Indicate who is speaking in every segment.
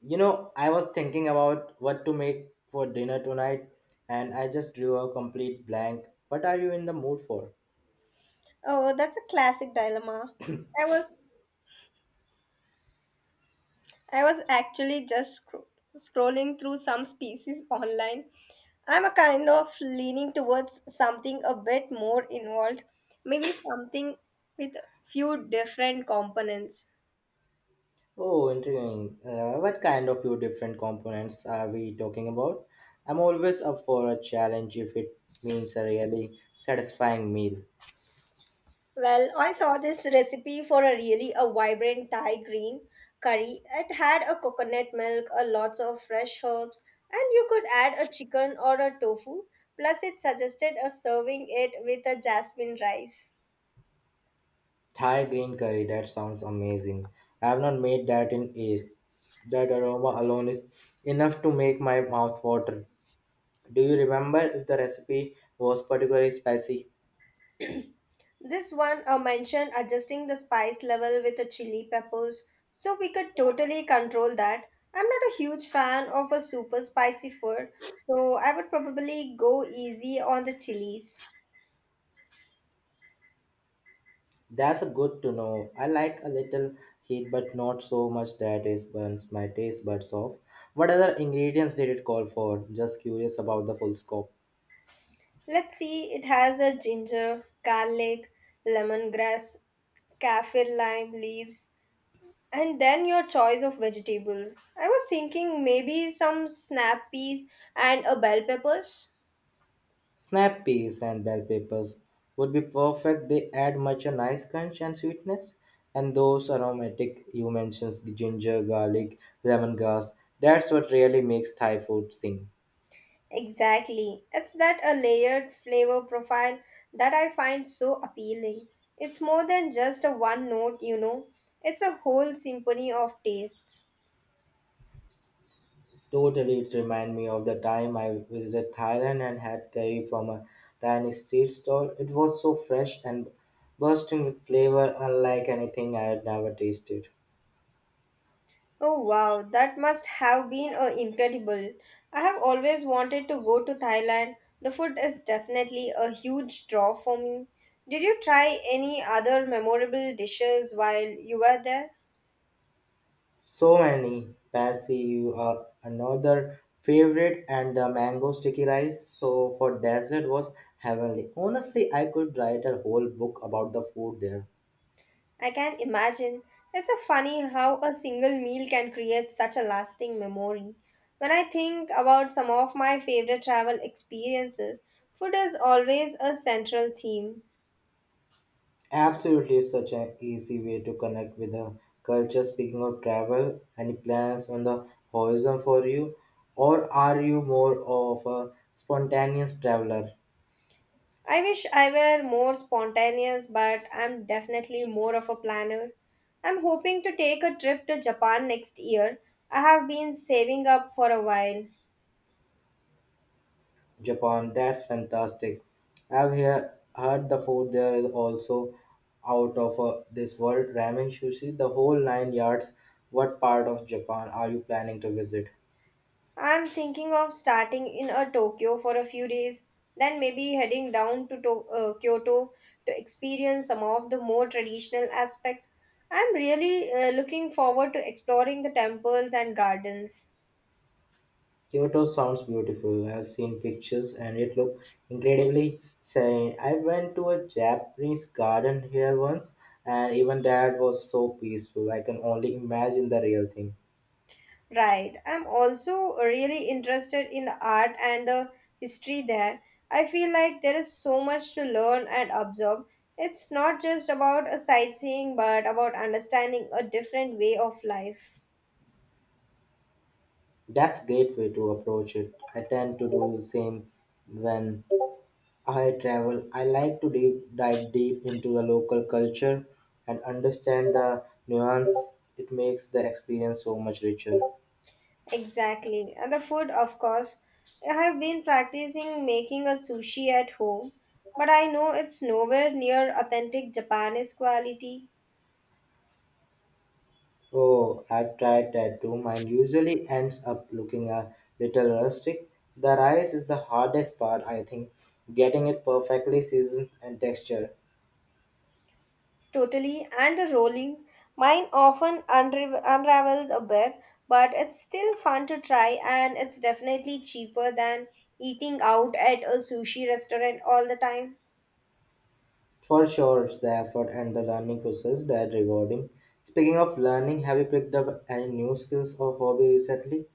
Speaker 1: You know, I was thinking about what to make for dinner tonight, and I just drew a complete blank. What are you in the mood for?
Speaker 2: Oh, that's a classic dilemma. I was I was actually just scrolling through some species online. I'm a kind of leaning towards something a bit more involved, maybe something with few different components.
Speaker 1: Oh, intriguing. What kind of few different components are we talking about? I'm always up for a challenge if it means a really satisfying meal.
Speaker 2: Well, I saw this recipe for a really a vibrant Thai green curry. It had a coconut milk, a lots of fresh herbs, and you could add a chicken or a tofu. Plus, it suggested a serving it with a jasmine rice.
Speaker 1: Thai green curry, that sounds amazing. I have not made that in ages. That aroma alone is enough to make my mouth water. Do you remember if the recipe was particularly spicy?
Speaker 2: This one mentioned adjusting the spice level with the chili peppers, so we could totally control that. I'm not a huge fan of a super spicy food, so I would probably go easy on the chilies.
Speaker 1: That's a good to know. I like a little heat, but not so much that it burns my taste buds off. What other ingredients did it call for? Just curious about the full scope.
Speaker 2: Let's see, it has a ginger, garlic, lemongrass, kaffir lime leaves, and then your choice of vegetables. I was thinking maybe some snap peas and a bell peppers.
Speaker 1: Snap peas and bell peppers would be perfect. They add much a nice crunch and sweetness. And those aromatic you mentioned, ginger, garlic, lemongrass. That's what really makes Thai food sing.
Speaker 2: Exactly. It's that a layered flavor profile that I find so appealing. It's more than just a one note, you know. It's a whole symphony of tastes.
Speaker 1: Totally, it reminded me of the time I visited Thailand and had curry from a tiny street stall. It was so fresh and bursting with flavor, unlike anything I had never tasted.
Speaker 2: Oh wow, that must have been incredible. I have always wanted to go to Thailand. The food is definitely a huge draw for me. Did you try any other memorable dishes while you were there?
Speaker 1: So many Pasi, you are another favorite, and the mango sticky rice. So for dessert was heavenly. Honestly, I could write a whole book about the food there.
Speaker 2: I can imagine. It's so funny how a single meal can create such a lasting memory. When I think about some of my favorite travel experiences, food is always a central theme.
Speaker 1: Absolutely, such an easy way to connect with the culture. Speaking of travel, any plans on the horizon for you? Or are you more of a spontaneous traveler?
Speaker 2: I wish I were more spontaneous, but I'm definitely more of a planner. I'm hoping to take a trip to Japan next year. I have been saving up for a while.
Speaker 1: Japan, that's fantastic. I've heard the food there is also out of this world. Ramen, sushi, the whole nine yards. What part of Japan are you planning to visit?
Speaker 2: I'm thinking of starting in a Tokyo for a few days, then maybe heading down to Kyoto to experience some of the more traditional aspects. I'm really looking forward to exploring the temples and gardens.
Speaker 1: Kyoto sounds beautiful. I've seen pictures and it looked incredibly serene. I went to a Japanese garden here once and even that was so peaceful. I can only imagine the real thing.
Speaker 2: Right. I'm also really interested in the art and the history there. I feel like there is so much to learn and observe. It's not just about a sightseeing, but about understanding a different way of life.
Speaker 1: That's a great way to approach it. I tend to do the same when I travel. I like to dive deep into the local culture and understand the nuance. It makes the experience so much richer.
Speaker 2: Exactly. And the food, of course. I have been practicing making a sushi at home, but I know it's nowhere near authentic Japanese quality.
Speaker 1: Oh, I've tried that too. Mine usually ends up looking a little rustic. The rice is the hardest part, I think, getting it perfectly seasoned and textured.
Speaker 2: Totally, and the rolling. Mine often unravels a bit, but it's still fun to try, and it's definitely cheaper than eating out at a sushi restaurant all the time.
Speaker 1: For sure, it's the effort and the learning process that rewarding. Speaking of learning, have you picked up any new skills or hobby recently?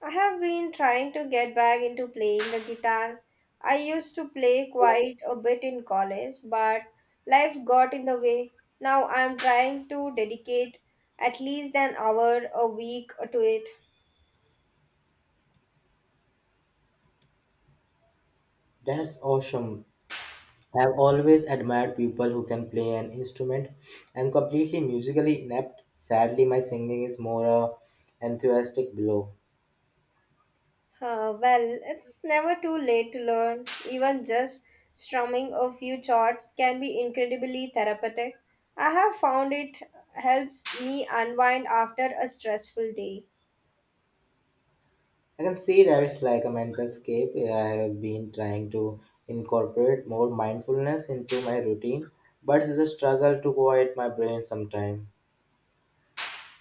Speaker 2: I have been trying to get back into playing the guitar. I used to play quite a bit in college, but life got in the way. Now I'm trying to dedicate at least an hour a week to it.
Speaker 1: That's awesome. I've always admired people who can play an instrument. I'm completely musically inept. Sadly, my singing is more a enthusiastic blow.
Speaker 2: Well, it's never too late to learn. Even just strumming a few chords can be incredibly therapeutic. I have found it helps me unwind after a stressful day.
Speaker 1: I can see that it's like a mental escape. I have been trying to incorporate more mindfulness into my routine, but it's a struggle to quiet my brain sometimes.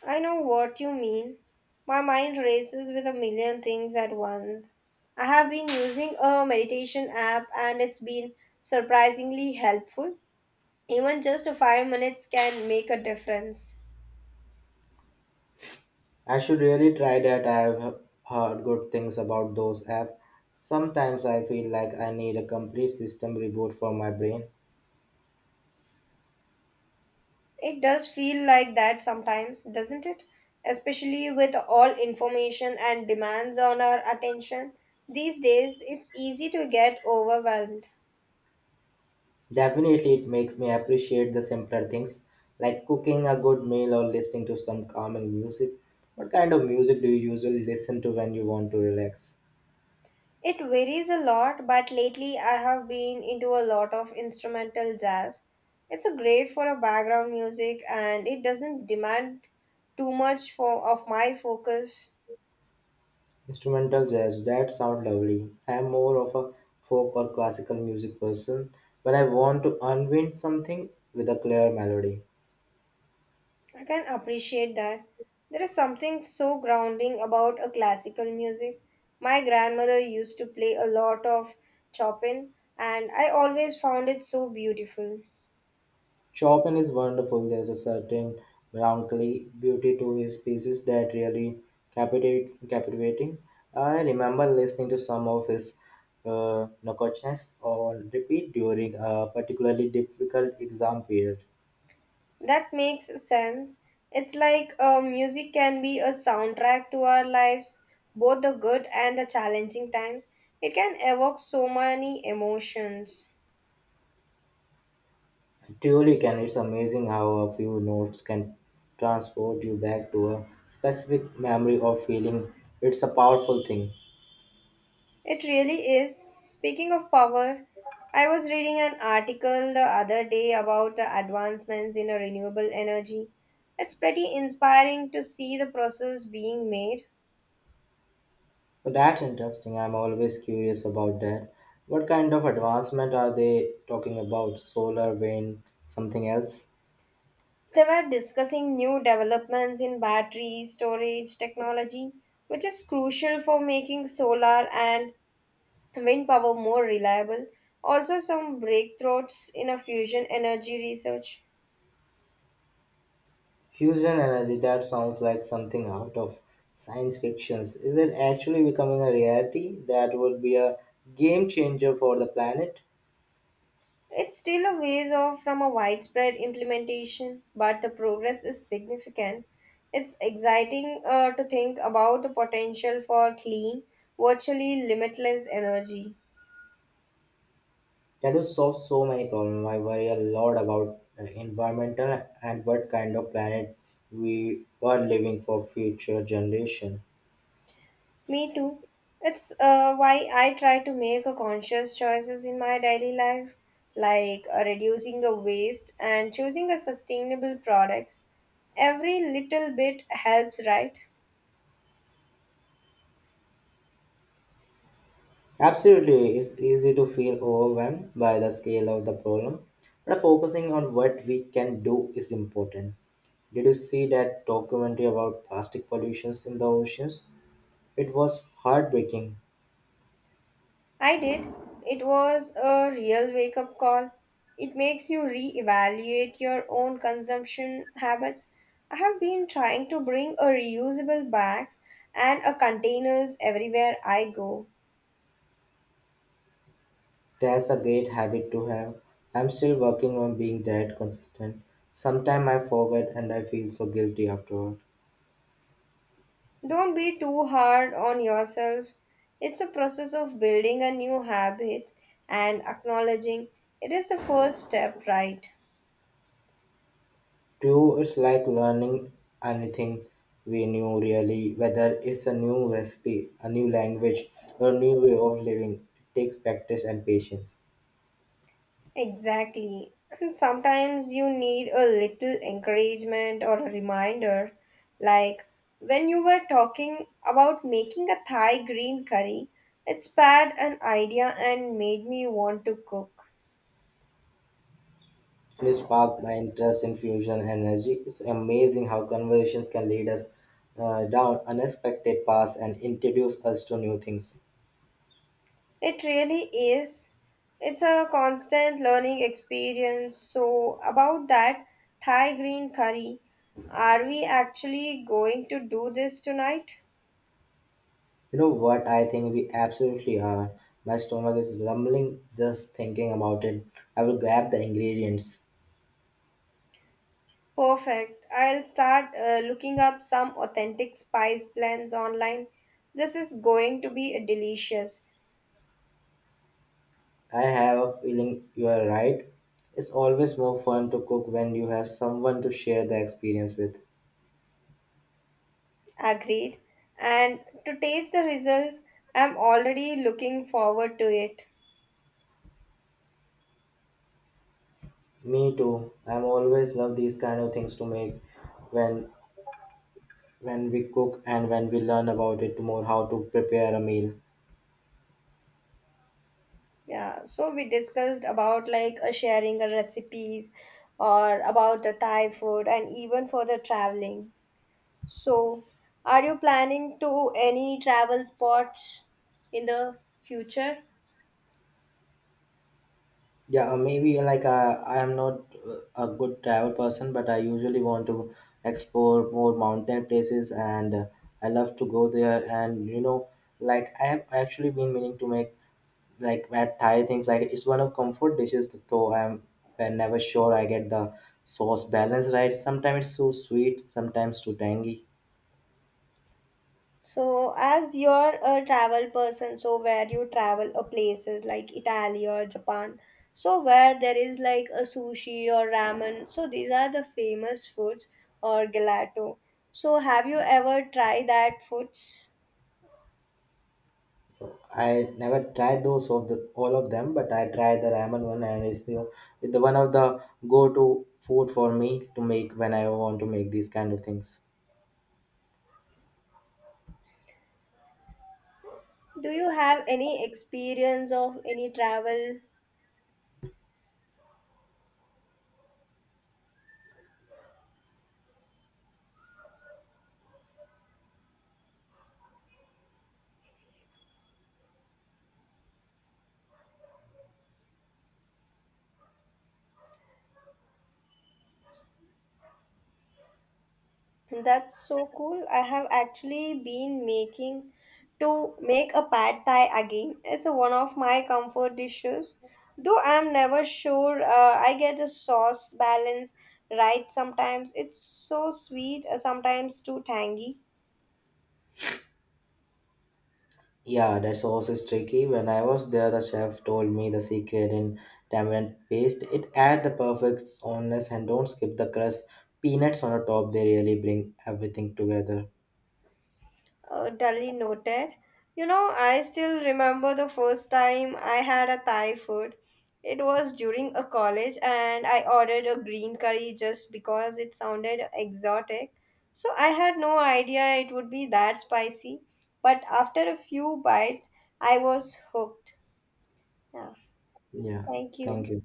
Speaker 2: I know what you mean. My mind races with a million things at once. I have been using a meditation app and it's been surprisingly helpful. Even just 5 minutes can make a difference.
Speaker 1: I should really try that. I have heard good things about those apps. Sometimes I feel like I need a complete system reboot for my brain.
Speaker 2: It does feel like that sometimes, doesn't it? Especially with all information and demands on our attention. These days, it's easy to get overwhelmed.
Speaker 1: Definitely, it makes me appreciate the simpler things like cooking a good meal or listening to some calming music. What kind of music do you usually listen to when you want to relax?
Speaker 2: It varies a lot, but lately I have been into a lot of instrumental jazz. It's a great for a background music and it doesn't demand too much for of my focus.
Speaker 1: Instrumental jazz, that sounds lovely. I'm more of a folk or classical music person when I want to unwind something with a clear melody.
Speaker 2: I can appreciate that. There is something so grounding about a classical music. My grandmother used to play a lot of Chopin and I always found it so beautiful.
Speaker 1: Chopin is wonderful. There's a certain melancholy beauty to his pieces that really captivating. I remember listening to some of his Nocochnes on repeat during a particularly difficult exam period.
Speaker 2: That makes sense. It's like music can be a soundtrack to our lives, both the good and the challenging times. It can evoke so many emotions.
Speaker 1: Truly can. It's amazing how a few notes can transport you back to a specific memory or feeling. It's a powerful thing.
Speaker 2: It really is. Speaking of power, I was reading an article the other day about the advancements in a renewable energy. It's pretty inspiring to see the process being made.
Speaker 1: But that's interesting. I'm always curious about that. What kind of advancement are they talking about? Solar, wind, something else?
Speaker 2: They were discussing new developments in battery storage technology, which is crucial for making solar and wind power more reliable. Also, some breakthroughs in a fusion energy research.
Speaker 1: Fusion energy, that sounds like something out of science fiction. Is it actually becoming a reality? That would be a game changer for the planet.
Speaker 2: It's still a ways off from a widespread implementation, but the progress is significant. It's exciting to think about the potential for clean, virtually limitless energy.
Speaker 1: That will solve so many problems. I worry a lot about environmental and what kind of planet we are living for future generation.
Speaker 2: Me too. It's why I try to make a conscious choices in my daily life, like reducing the waste and choosing a sustainable products. Every little bit helps, right?
Speaker 1: Absolutely, it's easy to feel overwhelmed by the scale of the problem, but focusing on what we can do is important. Did you see that documentary about plastic pollutions in the oceans? It was heartbreaking.
Speaker 2: I did. It was a real wake up call. It makes you reevaluate your own consumption habits. I have been trying to bring a reusable bags and a containers everywhere I go.
Speaker 1: That's a great habit to have. I'm still working on being that consistent. Sometimes I forget and I feel so guilty afterward.
Speaker 2: Don't be too hard on yourself. It's a process of building a new habit and acknowledging it is the first step, right?
Speaker 1: Too, it's like learning anything we new really, whether it's a new recipe, a new language, or a new way of living. It takes practice and patience.
Speaker 2: Exactly. And sometimes you need a little encouragement or a reminder. Like when you were talking about making a Thai green curry, it sparked an idea and made me want to cook.
Speaker 1: It sparked my interest in fusion energy. It's amazing how conversations can lead us down unexpected paths and introduce us to new things.
Speaker 2: It really is. It's a constant learning experience. So, about that Thai green curry, are we actually going to do this tonight?
Speaker 1: You know what? I think we absolutely are. My stomach is rumbling just thinking about it. I will grab the ingredients.
Speaker 2: Perfect. I'll start looking up some authentic spice blends online. This is going to be delicious.
Speaker 1: I have a feeling you are right. It's always more fun to cook when you have someone to share the experience with.
Speaker 2: Agreed. And to taste the results, I'm already looking forward to it.
Speaker 1: Me too. I'm always love these kind of things to make when we cook and when we learn about it more how to prepare a meal.
Speaker 2: Yeah, so we discussed about like sharing recipes or about the Thai food and even for the traveling. So, are you planning to any travel spots in the future?
Speaker 1: Yeah maybe like I am not a good travel person but I usually want to explore more mountain places and I love to go there and you know like I have actually been meaning to make like at Thai things like it's one of comfort dishes though I'm never sure I get the sauce balance right. Sometimes it's so sweet, sometimes too tangy.
Speaker 2: So, as you're a travel person, so where you travel a places like Italy or Japan, so where there is like a sushi or ramen, so these are the famous foods or gelato. So, have you ever tried that foods?
Speaker 1: I never tried those of the all of them, but I tried the ramen one, and it's the one of the go-to food for me to make when I want to make these kind of things.
Speaker 2: Do you have any experience of any travel? That's so cool. I have actually been making to make a pad thai again. It's a, one of my comfort dishes. Though I'm never sure I get the sauce balance right sometimes. It's so sweet, sometimes too tangy.
Speaker 1: Yeah, that sauce is tricky. When I was there, the chef told me the secret in tamarind paste. It add the perfect sourness and don't skip the crust. Peanuts on the top, they really bring everything together.
Speaker 2: Duly noted. You know, I still remember the first time I had a Thai food. It was during a college, and I ordered a green curry just because it sounded exotic. So I had no idea it would be that spicy. But after a few bites, I was hooked. Yeah,
Speaker 1: Yeah,
Speaker 2: thank
Speaker 1: thank
Speaker 2: you.
Speaker 1: you.